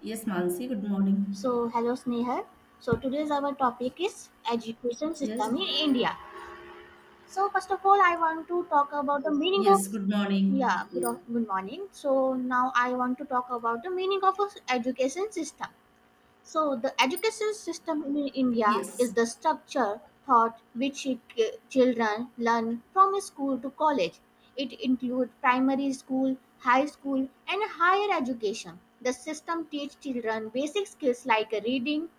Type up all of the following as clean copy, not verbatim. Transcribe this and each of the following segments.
Yes, Mansi, good morning. So, hello Snehal. So, today's our topic is education Yes, system in India. So, first of all, I want to talk about the meaning of yes, good morning. Yeah. good morning. So, now I want to talk about the meaning of education system. So, the education system in India is Yes, the structure thought which it, children learn from school to college. It includes primary school, high school, and higher education. The system teaches children basic skills like reading,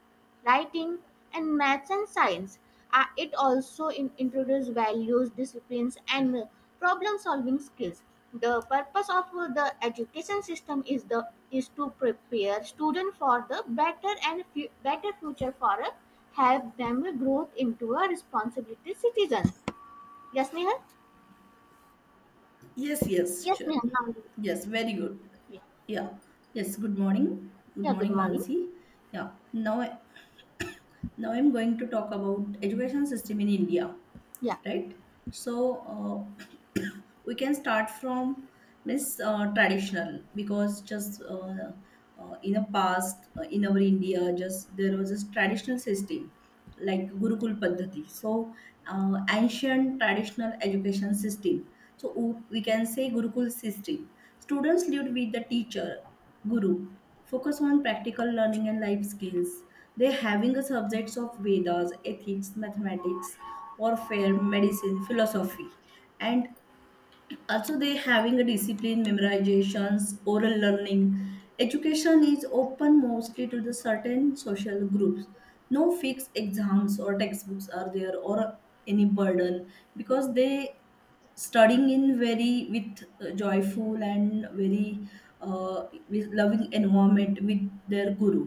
writing, and maths and science. It also introduces values, disciplines, and problem solving skills. The purpose of the education system is to prepare students for the better and better future for a, help them grow into a responsibility citizen. Yes, Nehal? yes, yes, Yes, sure. Nehal. Now, Yes, very good. Yeah. Yeah. Yes, good morning. Good yeah, good morning, morning. Mansi. Yeah. Now I'm going to talk about education system in India, Yeah. right? So uh, we can start from miss traditional, because just in the past, in our India, just there was this traditional system like Gurukul Paddhati. So ancient traditional education system, so we can say Gurukul system. Students lived with the teacher, Guru. Focus on practical learning and life skills. They're having a subjects of Vedas, ethics, mathematics, warfare, medicine, philosophy, and also they having a discipline, memorizations, oral learning. Education is open mostly to the certain social groups. No fixed exams or textbooks are there, or any burden, because they studying in very with joyful and very with loving environment with their guru.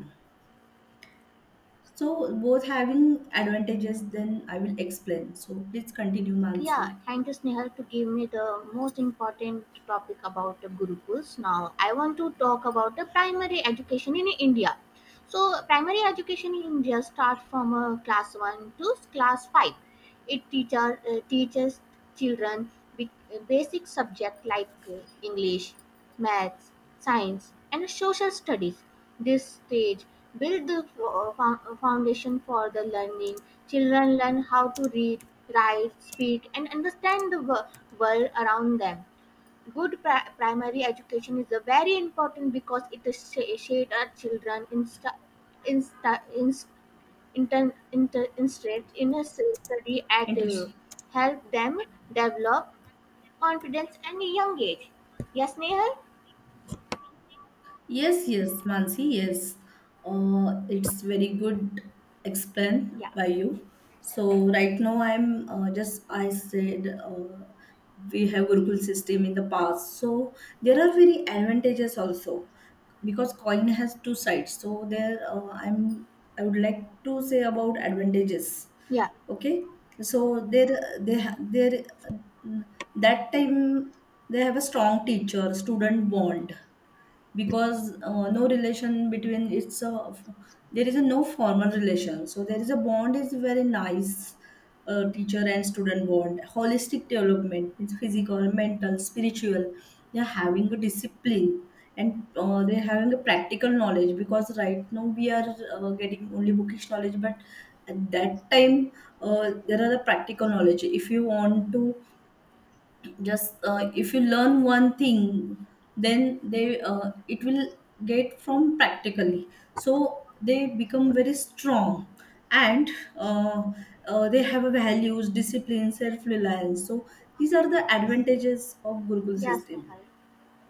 So both having advantages, then I will explain. So please continue, Yeah, Mansi. thank you, Snehal, to give me the most important topic about the Gurukuls. Now, I want to talk about the primary education in India. So, primary education in India starts from class 1 to class 5. It teaches children bi- basic subjects like English, maths, science, and social studies. This stage builds the foundation for the learning. Children learn how to read, write, speak, and understand the world around them. Good primary education is a very important because it shapes our children insta- inst- interested in a study at Interesting. help them develop confidence at a young age. Yes, Nehal? Yes, yes, Mansi, yes. It's very good explained Yeah. by you. So right now I'm just I said we have Gurukul system in the past. So there are very advantages also, because coin has two sides. So there I would like to say about advantages. Yeah. Okay, so there, there, that time they have a strong teacher student bond, because no relation between, it's a, there is a no formal relation, so there is a bond is very nice. Uh, teacher and student bond, holistic development means physical, mental, spiritual. They're having a discipline, and they're having a practical knowledge, because right now we are getting only bookish knowledge. But at that time, there are the practical knowledge. If you want to just if you learn one thing, then they it will get from practically, so they become very strong. And uh, they have a values discipline self-reliance. So these are the advantages of Gurukul Yes, system. Nehal.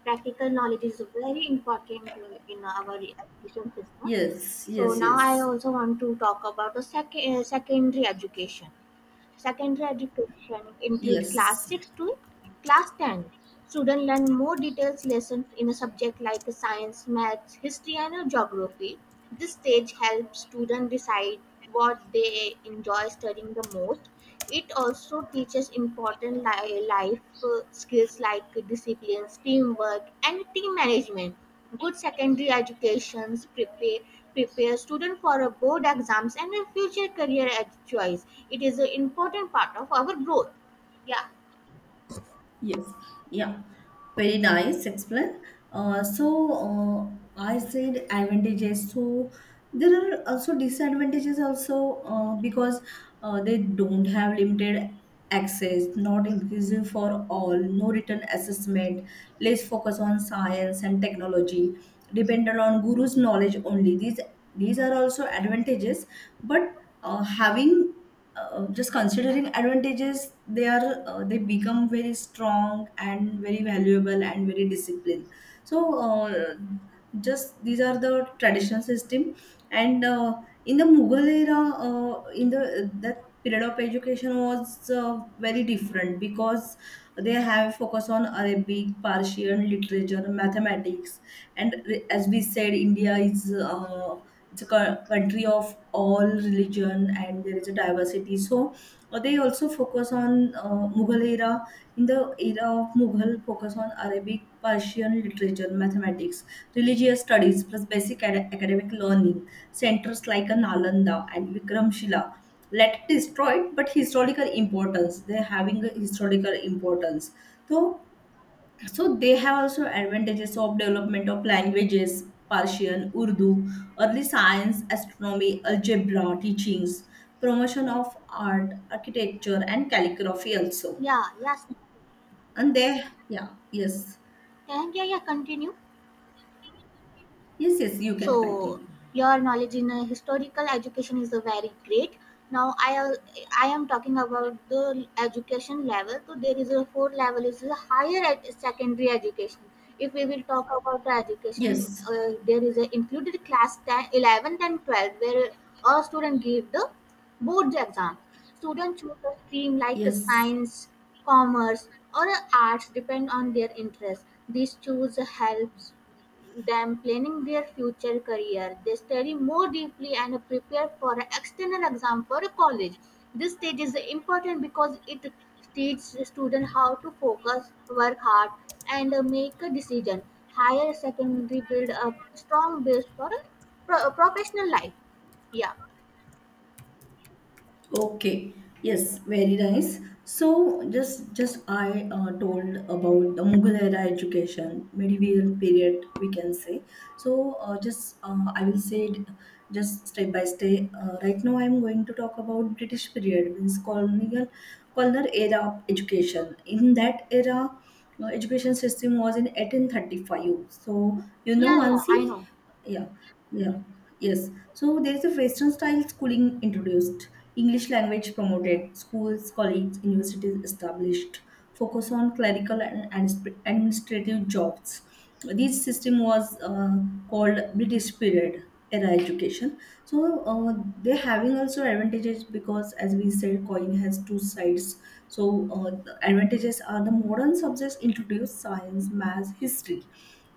Practical knowledge is very important in our education system. Yes, So yes, now I yes, also want to talk about the secondary education. Secondary education include class yes. 6 to class 10. Students learn more detailed lessons in a subject like science, maths, history and geography. This stage helps students decide what they enjoy studying the most. It also teaches important life skills like discipline, teamwork and team management. Good secondary educations prepare prepare students for a board exams and a future career choice. It is an important part of our growth. Yeah. Yes, yeah, very nice explain. So I said advantages. So there are also disadvantages also because they don't have limited access, not inclusive for all, no written assessment, less focus on science and technology, dependent on guru's knowledge only. These are also advantages, but having just considering advantages, they are they become very strong and very valuable and very disciplined. So just these are the traditional system. And in the Mughal era, in the that period of education was very different, because they have focus on Arabic, Persian literature, mathematics. And as we said, India is it's a country of all religion and there is a diversity. So they also focus on Mughal era. In the era of Mughal, focus on Arabic, Persian literature, mathematics, religious studies, plus basic academic learning. Centers like a Nalanda and Vikramshila let destroyed, but historical importance. They're having a historical importance. So so they have also advantages of development of languages, Persian, Urdu, early science, astronomy, algebra teachings, promotion of art, architecture, and calligraphy also. Yeah, yes. And Yeah. they, yeah, yes. Yeah, yeah, continue. Yes, yes, you can So continue. your knowledge in historical education is very great. Now I am talking about the education level. So there is a four level is a higher secondary education. If we will talk about the education, Yes, there is a included class 10, 11th and 12 where a student give the Board the exam. Students choose a stream like a yes. science, commerce, or a arts depend on their interest. This choose helps them planning their future career. They study more deeply and prepare for an external exam for a college. This stage is important because it teaches the student how to focus, work hard, and make a decision. Higher secondary build a strong base for a professional life. Yeah, Okay. Yes, very nice. So just I told about the Mughal era education, medieval period we can say. So just I will say it just step by step. Right now I am going to talk about British period, means colonial era of education. In that era, education system was in 1835. So you know, yeah, yeah. I Mansi? know. Yeah, yeah, yes. So there's a western style schooling introduced, English language promoted, schools, colleges, universities established, focus on clerical and administrative jobs. This system was called British period era education. So they're having also advantages because, as we said, coin has two sides. So the advantages are the modern subjects introduce science, math, history.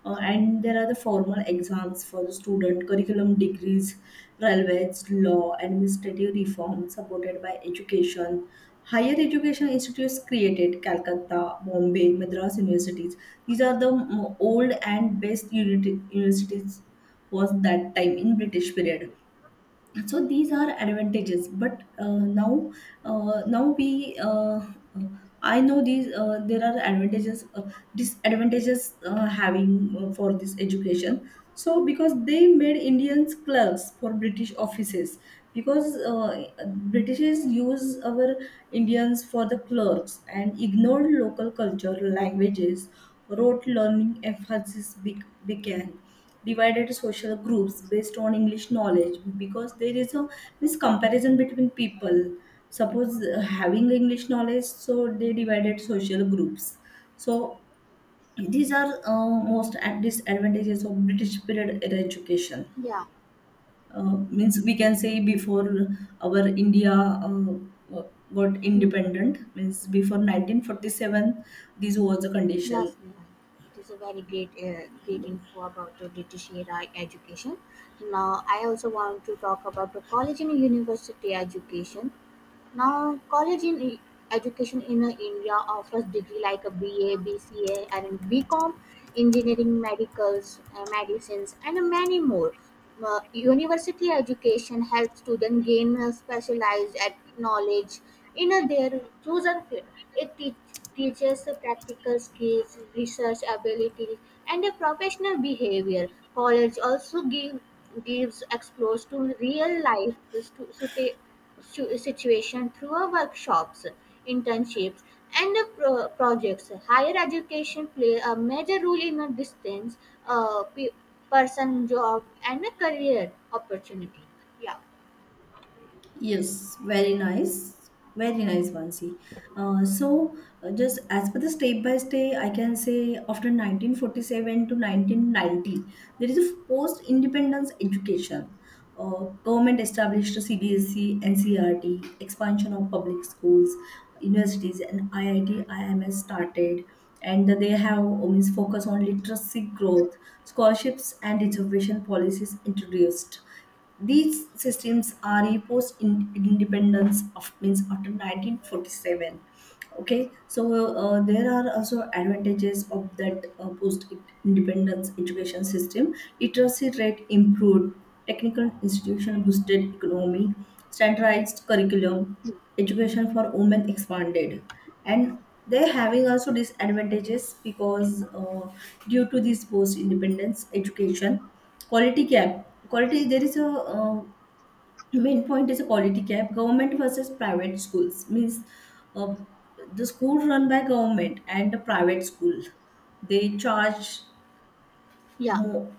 Uh, and there are the formal exams for the student, curriculum degrees, railways, law, administrative reform supported by education. Higher education institutes created Calcutta, Bombay, Madras universities. These are the old and best universities was that time in British period. So these are advantages, but now we I know these there are advantages, disadvantages having for this education, so because they made Indians clerks for British offices. Because Britishers use our Indians for the clerks and ignored local culture, languages. Rote learning emphasis began. Divided social groups based on English knowledge, because there is a miscomparison between people. Suppose having English knowledge, so they divided social groups. So these are most disadvantages of British period era education. Yeah, Uh, means we can say before our India uh, uh, got mm, independent, means before 1947 this was the condition. yes, Neha. It is a very great, great info about the British era education. Now, I also want to talk about the college and university education. Now, education in India offers degree like a BA, BCA, and BCom, engineering, medicals, medicines, and many more. University education helps students gain specialized knowledge in their chosen field. It teaches practical skills, research abilities, and professional behavior. College also gives exposure to real life stu- stu- suita- situation through our workshops, internships, and projects. Higher education play a major role in a distance uh, pe- person job and a career opportunity. Yeah. Yes, very nice. Very nice, Bansi. Uh, so, just as per the step by step, I can say after 1947 to 1990, there is a post independence education. Government established CBSE, NCRT, expansion of public schools, universities, and IIT, IMS started. And they have means focus on literacy growth, scholarships, and reservation policies introduced. These systems are imposed in independence of means after 1947. Okay, so there are also advantages of that post-independence education system. Literacy rate improved, technical institution boosted economy, standardized curriculum, education for women expanded. And they're having also disadvantages, because due to this post-independence education, quality gap. Quality, there is a main point is a quality gap. Government versus private schools means uh, the school run by government and the private school, they charge Yeah, more,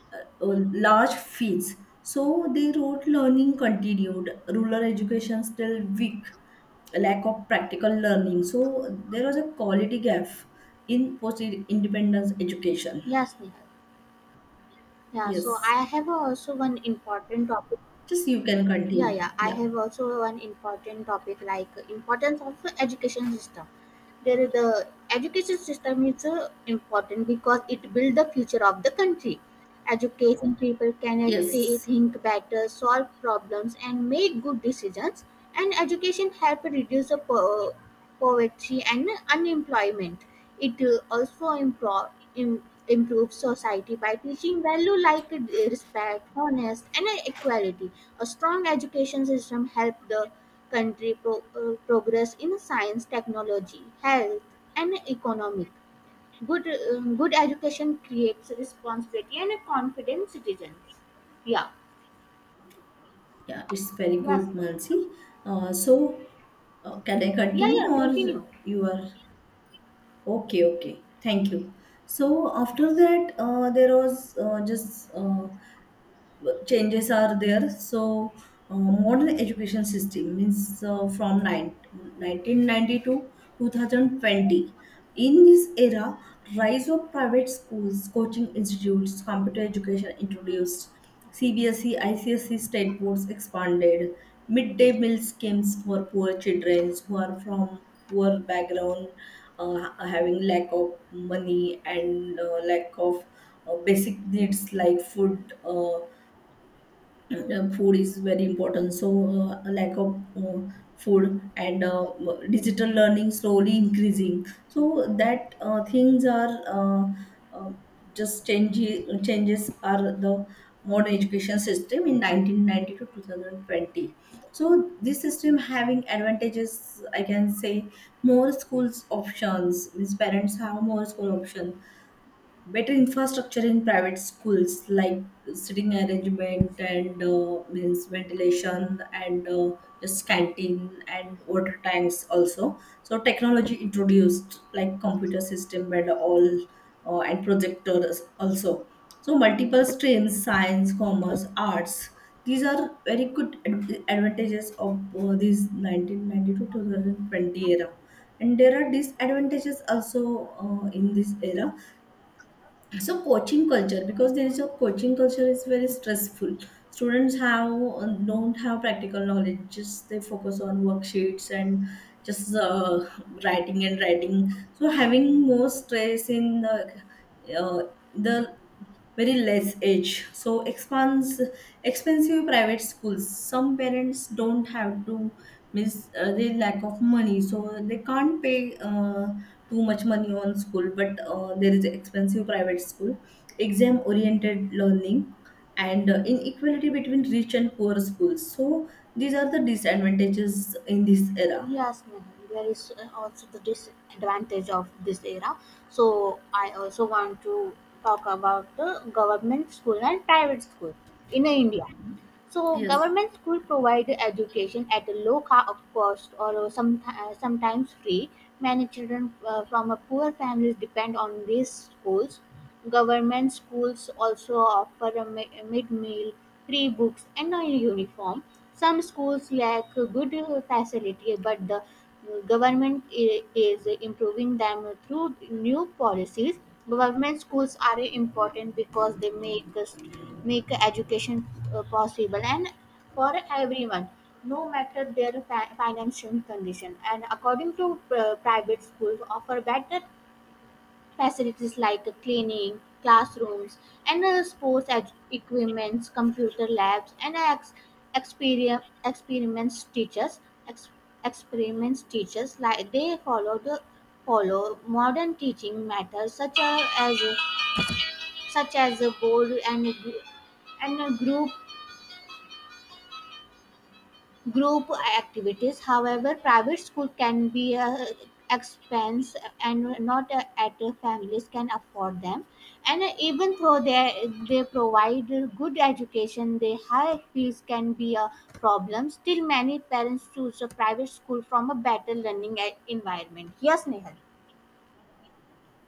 large fees. So they wrote learning continued, rural education still weak, lack of practical learning. So there was a quality gap in post independence education. yes, Nihal. Yeah, so Yes. I have also one important topic. Just you can Yeah, continue. yeah, I Yeah. have also one important topic like importance of the education system. There, is the education system is important because it builds the future of the country. Education people can Yes. think better, solve problems, and make good decisions. And education help reduce the poverty and unemployment. It also improves society by teaching value like respect, honest, and equality. A strong education system help the country progress in science, technology, health, and economic good. Um, good education creates responsibility and a confident citizens. Yeah. Yeah, it's very Yes. good, Mansi. Uh, so, can I Yeah, continue yeah, or continue. you are okay? Okay, thank you. So after that, there was just changes are there. So modern education system means from 9, 1990 to 2020, in this era, rise of private schools, coaching institutes, computer education introduced, CBSE, ICSC state boards expanded, midday meal schemes for poor children who are from poor background. Uh, having lack of money and lack of basic needs like food, and, food is very important. So lack of food and digital learning slowly increasing. So that things are uh, just changing, changes are the modern education system in 1990 to 2020. So this system having advantages, I can say, more schools options means parents have more school option, better infrastructure in private schools like sitting arrangement and means ventilation and just canteen and water tanks also. So technology introduced like computer system and all, and projectors also. So multiple streams, science, commerce, arts. These are very good advantages of this 1992 2020 era. And there are disadvantages also in this era. So coaching culture, because there is a coaching culture is very stressful. Students have don't have practical knowledge. Just they focus on worksheets and just writing and writing, so having more stress in the uh, the very less edge. So expands expensive private schools, some parents don't have to miss the lack of money, so they can't pay too much money on school, but there is expensive private school, exam oriented learning, and inequality between rich and poor schools. So these are the disadvantages in this era. Yes, Nehal, there is also the disadvantage of this era, so I also want to talk about the government school and private school in India. So Yes. government school provide education at a low ca- of cost or sometimes free. Many children from a poor families depend on these schools. Government schools also offer a mid-meal, free books, and a uniform. Some schools lack good facility, but the government is improving them through new policies. Government schools are important because they make education possible and for everyone, no matter their financial condition. And according to private schools offer better facilities like cleaning classrooms, and sports equipments, computer labs, and experiments teachers. ex- Experiments teachers like they follow modern teaching methods such as, such as a board and a group activities. However, private school can be a expense and not at families can afford them, and even though they provide good education, the high fees can be a problem. Still many parents choose a private school from a better learning environment. Yes, Nehal.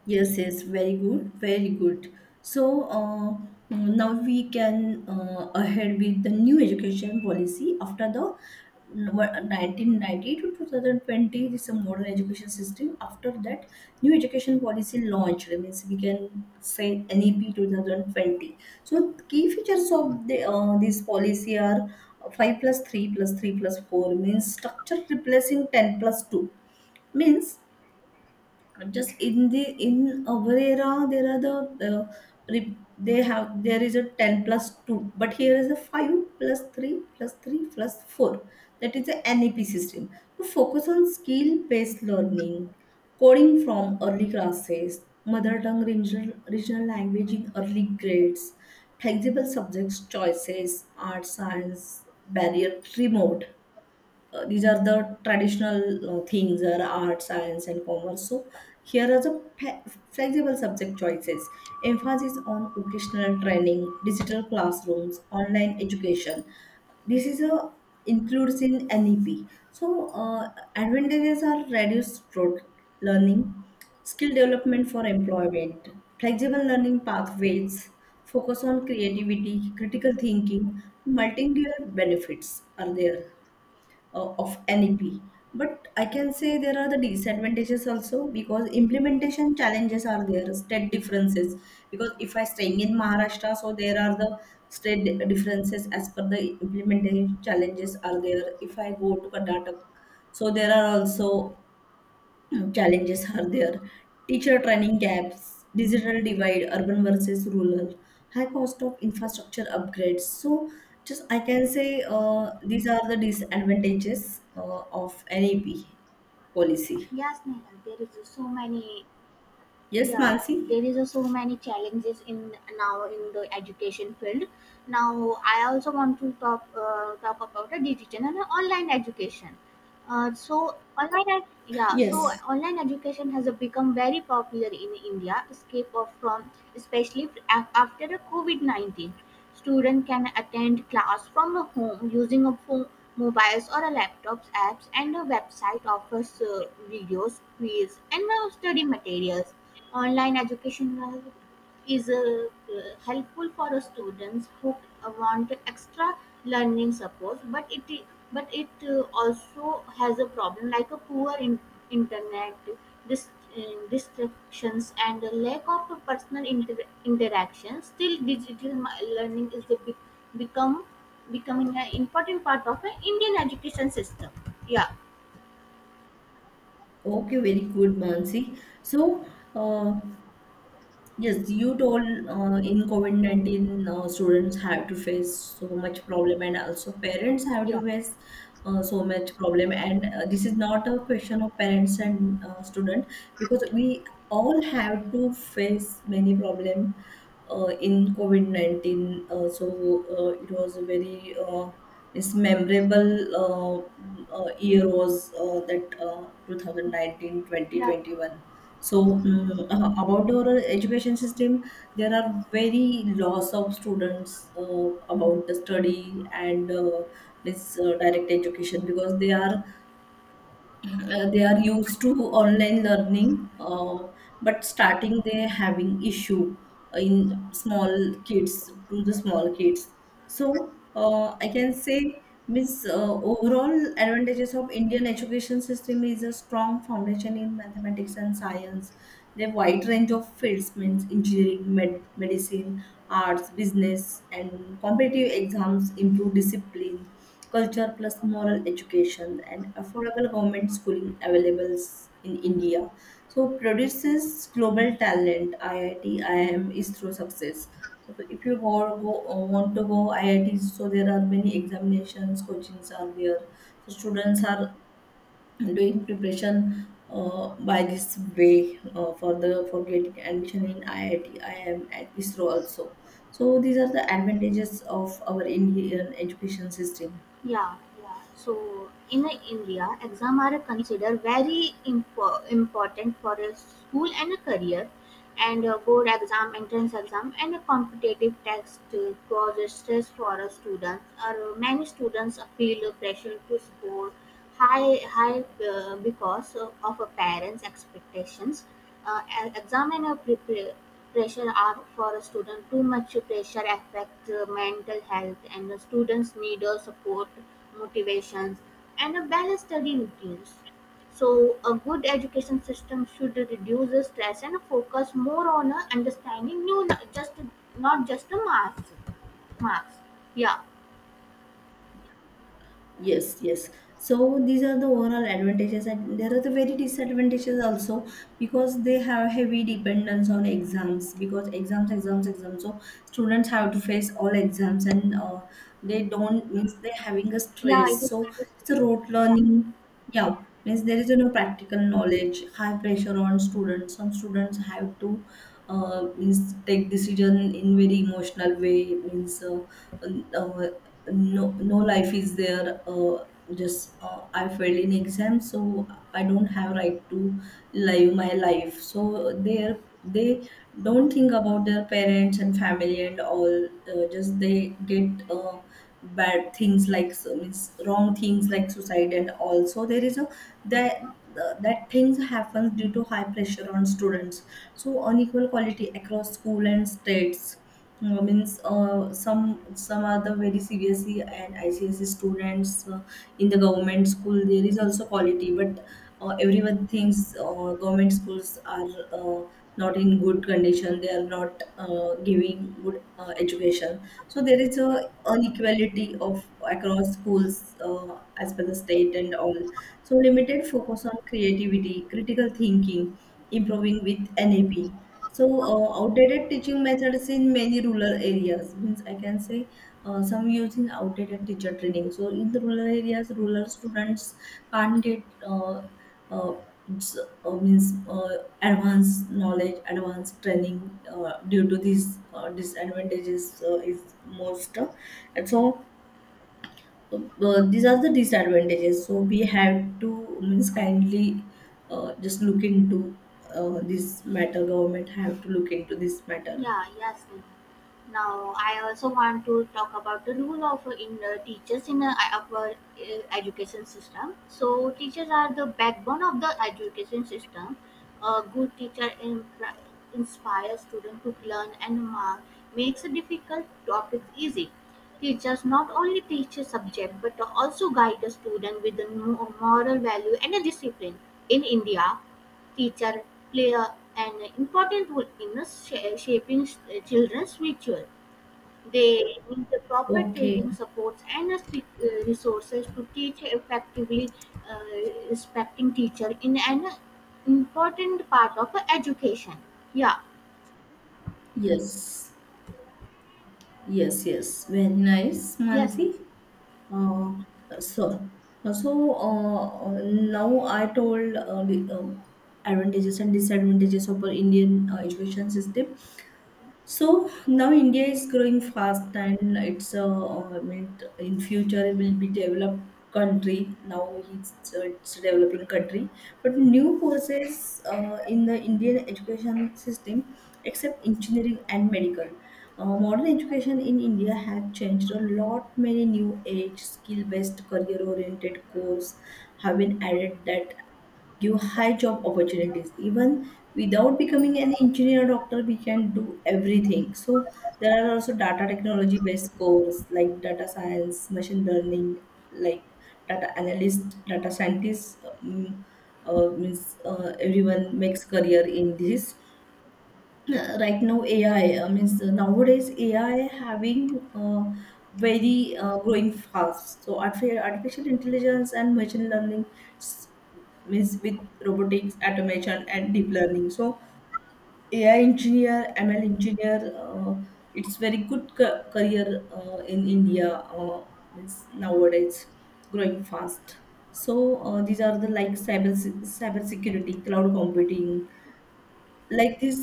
Yes, yes, very good, very good. So now we can ahead with the new education policy after the 1990 to 2020. This is a modern education system. After that, new education policy launched, means we can say NEP 2020. So key features of the, this policy are 5 plus 3 plus 3 plus 4 means structure replacing 10 plus 2. Means just in the, in our era there are the uh, they have there is a 10 plus 2, but here is a 5 plus 3 plus 3 plus 4. That is the NEP system, to focus on skill based learning, coding from early classes, mother tongue, regional language in early grades, flexible subjects choices, art, science, barrier remote. Uh, these are the traditional things are art, science, and commerce. So here are the flexible subject choices, emphasis on vocational training, digital classrooms, online education. This is a includes in NEP. So uh, advantages are reduced road learning, skill development for employment, flexible learning pathways, focus on creativity, critical thinking, multimedia benefits are there of NEP. But I can say there are the disadvantages also, because implementation challenges are there, state differences. Because if I staying in Maharashtra, so there are the state differences as per the implementation challenges are there. If I go to Karnataka, so there are also challenges are there, teacher training gaps, digital divide, urban versus rural, high cost of infrastructure upgrades. So just I can say these are the disadvantages of NEP policy. Yes, Nehal, there is so many. Yes, Yeah, yeah, Mansi. there is a so many challenges in now in the education field. Now I also want to talk about the digital and online education. Yeah. So Yes. online education has become very popular in India, escape of from especially after the COVID 19. Students can attend class from home using a phone, mobiles or a laptops, apps, and a website offers videos, quiz, and study materials. Online education is helpful for students who want extra learning support, but it also has a problem like a poor internet dis- uh, distractions and a lack of personal interaction. Still digital learning is the big become becoming an important part of an Indian education system. Yeah. Okay, very good, Mansi. So uh, Yes, you told, in COVID-19, students have to face so much problem, and also parents have to Yeah, face so much problem. And this is not a question of parents and student, because we all have to face many problem in COVID-19. It was a very this memorable year was that 2019 yeah. 2021. So, about our education system, there are very loss of students about the study, and this direct education, because they are used to online learning. But starting they having issue in small kids, to the small kids. So I can say, miss, overall advantages of Indian education system is a strong foundation in mathematics and science, the wide range of fields means engineering, medicine, arts, business, and competitive exams improve discipline, culture plus moral education, and affordable government schooling available in India. So produces global talent. IIT, IIM is through success. So if you go, want to go IIT, so there are many examinations, coachings are there. So students are doing preparation by this way for the for getting admission in IIT, IIM, and ISRO also. So these are the advantages of our Indian education system. Yeah, yeah. So in India, exam are considered very important for a school and a career, and a board exam, entrance exam, and a competitive test causes stress for a student. Or many students feel a pressure to score high because of a parents' expectations. E- exam and a prepare Pressure are for a student. Too much pressure affects mental health and the students need a support, motivations and a balanced study routines. So a good education system should reduce the stress and focus more on understanding new just not just the marks. Marks. Yeah. Yes, yes. So these are the overall advantages, and there are the very disadvantages also, because they have heavy dependence on exams, because exams, exams, exams. So students have to face all exams, and they don't, means they're having a Yeah, stress. it is So very it's a stressful. rote Yeah. learning. Yeah, means there is no practical knowledge, high pressure on students. Some students have to means take decision in very emotional way. Means. Uh, no, no life is there. Just I failed in exam, so I don't have right to live my life, so they don't think about their parents and family and all. Just they get bad things, like, so means wrong things like suicide and all. So there is a that that, things happen due to high pressure on students. So unequal quality across school and states. Means some are the very CBSE and ICSE students. In the government school there is also quality, but everyone thinks government schools are uh, not in good condition, they are not giving good education. So there is a inequality of across schools as per the state and all. So limited focus on creativity, critical thinking, improving with nap. So outdated teaching methods in many rural areas, means I can say some using outdated teacher training. So in the rural areas, rural students can't get uh, uh, s- means advanced knowledge, advanced training due to these disadvantages is most. And so uh, these are the disadvantages. So we have to, means, kindly just look into this matter. Government have to look into this matter. Yeah, yes, ma'am. Now, I also want to talk about the role of in teachers in our education system. So, teachers are the backbone of the education system. A good teacher inspires students to learn and makes difficult topics easy. Teachers not only teach a subject but also guide the student with the moral value and a discipline. In India, teacher play a, an important role in shaping children's future. They need the proper Okay. training, supports, and the resources to teach effectively. Uh, respecting teacher in an important part of education. Yeah. Yes. Yes. Yes. Very nice, Yes. Mansi. Uh, so, Now I told the advantages and disadvantages of our Indian education system. So now India is growing fast, and it's a I mean in future it will be developed country. Now it's a developing country, but new courses in the Indian education system, except engineering and medical. Modern education in India has changed a lot. Many new age skill based career oriented course have been added that give high job opportunities. Even without becoming an engineer or doctor, we can do everything. So there are also data technology based courses like data science, machine learning, like data analyst, data scientist. Means everyone makes career in this. Right now AI, means nowadays AI having very growing fast. So artificial intelligence and machine learning, s- means with robotics, automation, and deep learning. So AI engineer, ML engineer, it's very good career in India, means nowadays growing fast. So these are the, like, cyber cyber security, cloud computing, like this,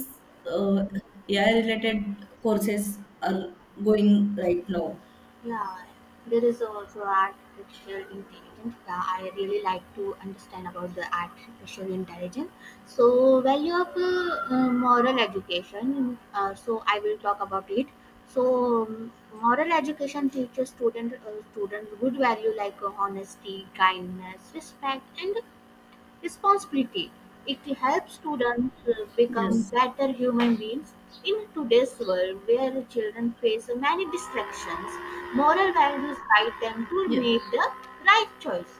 uh, AI related courses are going right now. Yeah, there is also artificial intelligence. Yeah, I really like to understand about the artificial intelligence. So, value of moral education. So, I will talk about it. So, moral education teaches student good value like honesty, kindness, respect, and responsibility. It helps students become Yes. better human beings. In today's world, where children face many distractions, moral values guide them to Yeah. make the right choice.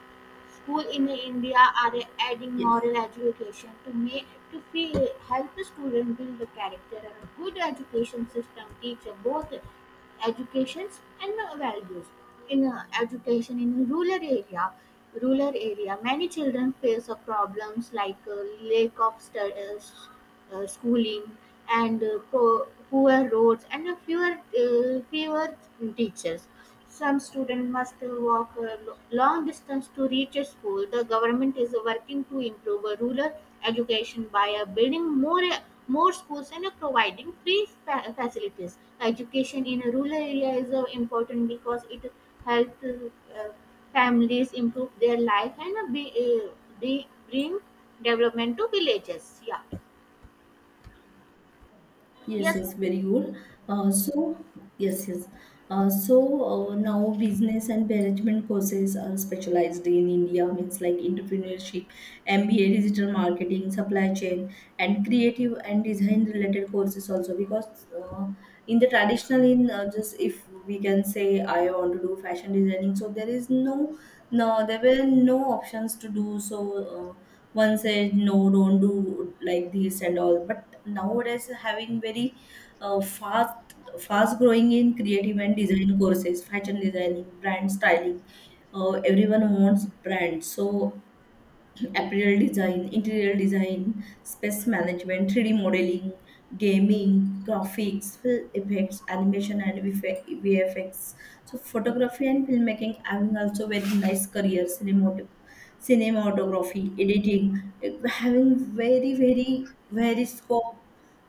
Schools in India are adding Yes. moral education to feel, help students build the character. A good education system teaches both educations and values. In education in rural area, many children face problems like lack of schooling and poor roads and fewer teachers. Some students must still walk a long distance to reach a school. The government is working to improve a rural education by building more schools and providing free facilities. Education in a rural area is important because it helps families improve their life and bring development to villages. Yeah. Yes, Yes. yes, very good. Uh, so, yes, yes. Now business and management courses are specialized in India, means like entrepreneurship, MBA, digital marketing, supply chain, and creative and design related courses also. Because in the traditional, in just if we can say I want to do fashion designing, so there is no, there were no options to do so. One said no, don't do like this and all, but nowadays having very uh, fast fast growing in creative and design courses, fashion designing, brand styling. Everyone wants brands. So apparel design, interior design, space management, 3D modeling, gaming, graphics, film effects, animation, and VF- VFX. So photography and filmmaking having also very nice career. Cinematography, editing, eh, having very, very, very scope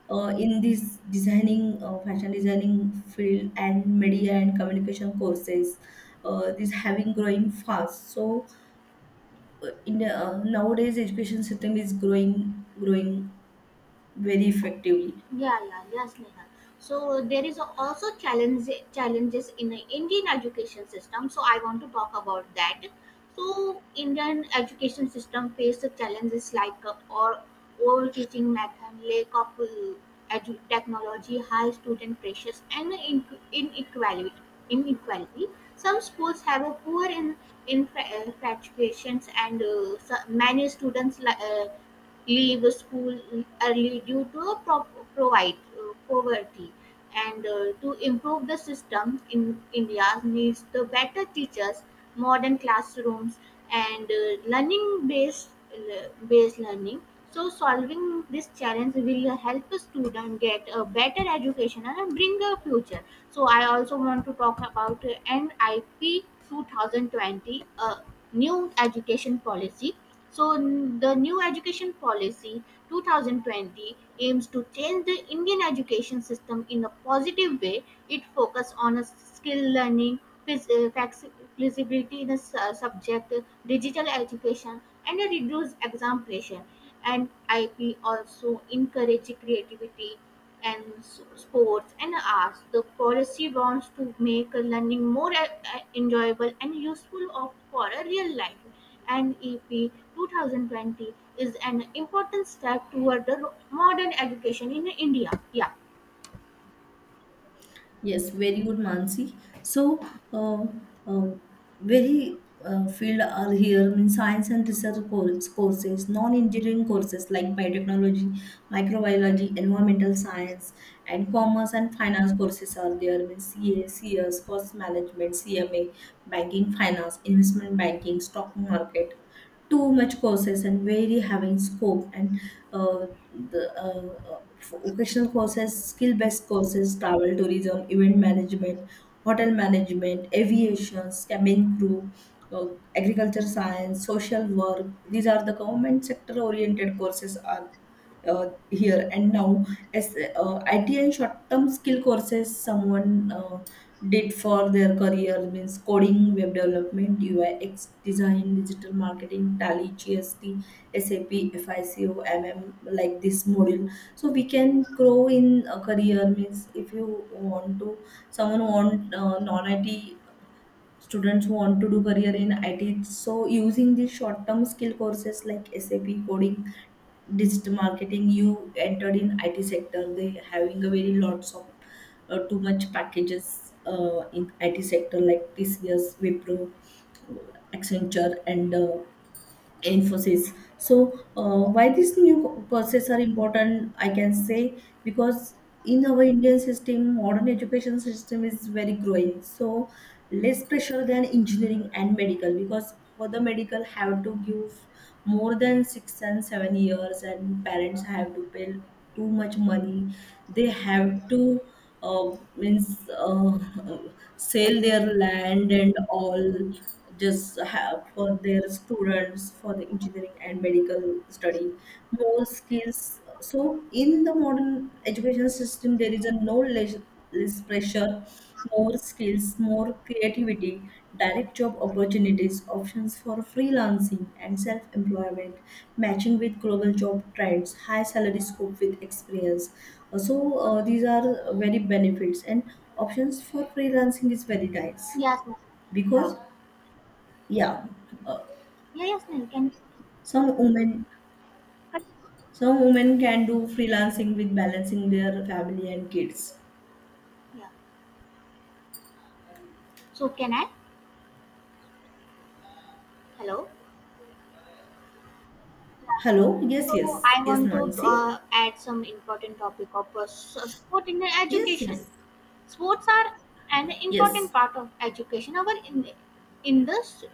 in this designing, fashion designing field, and media and communication courses. This having growing fast. So in nowadays education system is growing very effectively. Yeah, yeah, yes, Neha. So there is also challenges in the Indian education system. So I want to talk about that. So Indian education system faces challenges like or old teaching method, lack of technology, high student pressures, and inequality. Inequality. Some schools have a poor in graduations, and many students leave school early due to provide poverty, and to improve the system, in india needs the better teachers, modern classrooms, and learning based based learning. So solving this challenge will help a student get a better education and bring a future. So I also want to talk about nip 2020, a new education policy. The new education policy 2020 aims to change the Indian education system in a positive way. It focuses on a skill learning, phys- uh, faxi- flexibility in the subject, digital education, and a reduced exam pressure. And I P also encourage creativity and sports and arts. The policy wants to make learning more enjoyable and useful of, for a real life. And EP 2020 is an important step toward the modern education in India. Yeah. Yes, very good, Mansi. So uh, uh, very Field are here, mean, science and research course, courses, non-engineering courses like biotechnology, microbiology, environmental science, and commerce and finance courses are there, means CA, CS, cost management, CMA, banking, finance, investment banking, stock market. Too much courses and very having scope. And uh, the Vocational courses, skill based courses, travel, tourism, event management, hotel management, aviation, cabin crew, uh, agriculture science, social work. These are the government sector oriented courses are here. And now, as IT and short term skill courses, someone did for their career, means coding, web development, UX design, digital marketing, Tally, GST, SAP, FICO, MM, like this module. So we can grow in a career means, if you want to, someone want non-IT students who want to do career in IT, so using these short-term skill courses like SAP, coding, digital marketing, you entered in IT sector. They having a very lots of too much packages in IT sector, like TCS, Wipro, Accenture, and Infosys. So why these new courses are important, I can say, because in our Indian system, modern education system is very growing. So less pressure than engineering and medical, because for the medical have to give more than 6 and 7 years, and parents have to pay too much money. They have to uh, means sell their land and all, just have for their students for the engineering and medical study. More skills. So in the modern education system there is a no knowledge, less pressure, more skills, more creativity, direct job opportunities, options for freelancing and self employment, matching with global job trends, high salary scope with experience. These are very benefits, and options for freelancing is very nice Yes, ma'am. Yeah. because, yeah, uh, Yeah, yes, ma'am. Can some women. Some women can do freelancing with balancing their family and kids. yeah. So can I? Hello. Yeah. Hello? Yes, So yes. I Yes, want to Mansi? Add some important topic of sport in Yes, education. yes. Sports are an important Yes. part of education. In this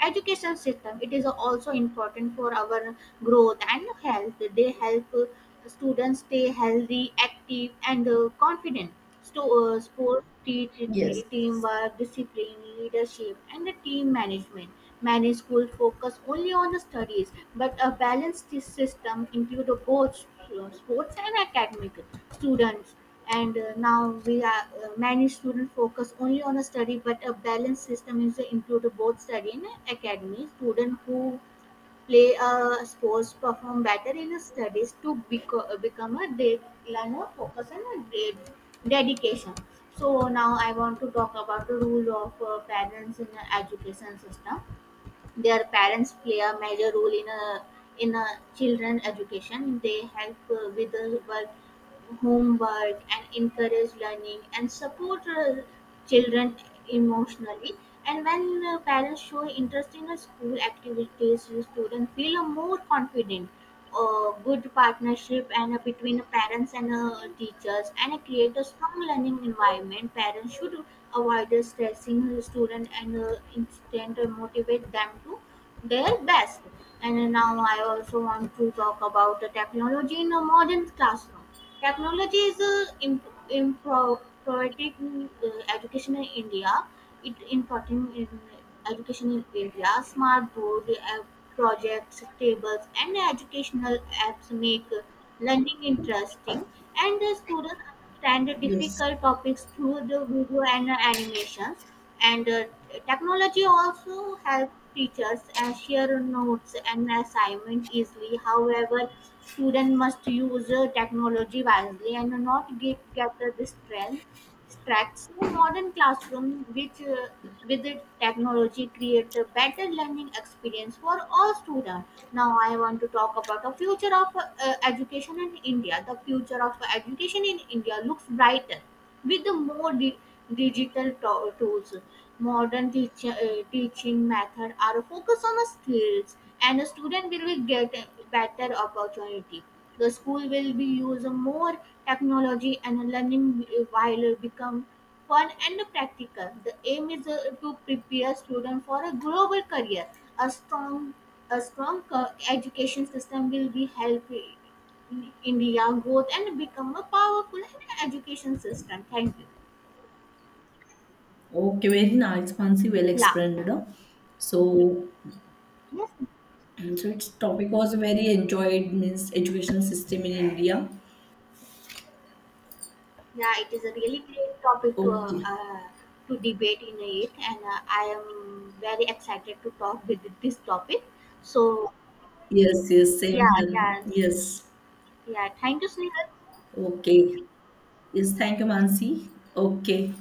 education system, it is also important for our growth and health. They help students stay healthy, active, and confident. So, sports teach Yes. Teamwork, discipline, leadership, and the team management. Many schools focus only on the studies, but a balanced system includes both sports and academic students. And now we are many students focus only on a study, but a balanced system is to include both study and academy students who play sports perform better in a studies to become a day learner, focus on a great dedication. So now I want to talk about the role of parents in the education system. Their parents play a major role in a children education. They help with the work homework, and encourage learning, and support children emotionally. And when parents show interest in a school activities, the students feel a more confident. A good partnership and between the parents and teachers and create a strong learning environment. Parents should avoid stressing the student, and instead motivate them to their best. And now I also want to talk about the technology in a modern classroom. Technology is improving education in India. It important in education in India. Smart board app projects, tables, and educational apps make learning interesting, and the students understand the Yes. difficult topics through the video and animations. And technology also help teachers share notes and assignment easily. However, student must use technology wisely and not get, get distracted distract. So modern classroom which with the technology create a better learning experience for all students. Now I want to talk about the future of education in India. The future of education in India looks brighter with the more digital tools. Modern teaching method are focused on the skills, and a student will be get a better opportunity. The school will be use more technology, and learning while become fun and practical. The aim is to prepare students for a global career. A strong a strong education system will be helpful India growth and become a powerful education system. Thank you. Okay, very nice, Mansi, well Yeah. explained. No? So, Yes. so its topic was very enjoyed, means educational system in India. Yeah, it is a really great topic Okay. To debate in it, and I am very excited to talk with this topic. So Yes, yes, same yeah, here. yes, Yes. yeah. Thank you, Snehal. Okay. Yes, thank you, Mansi. Okay.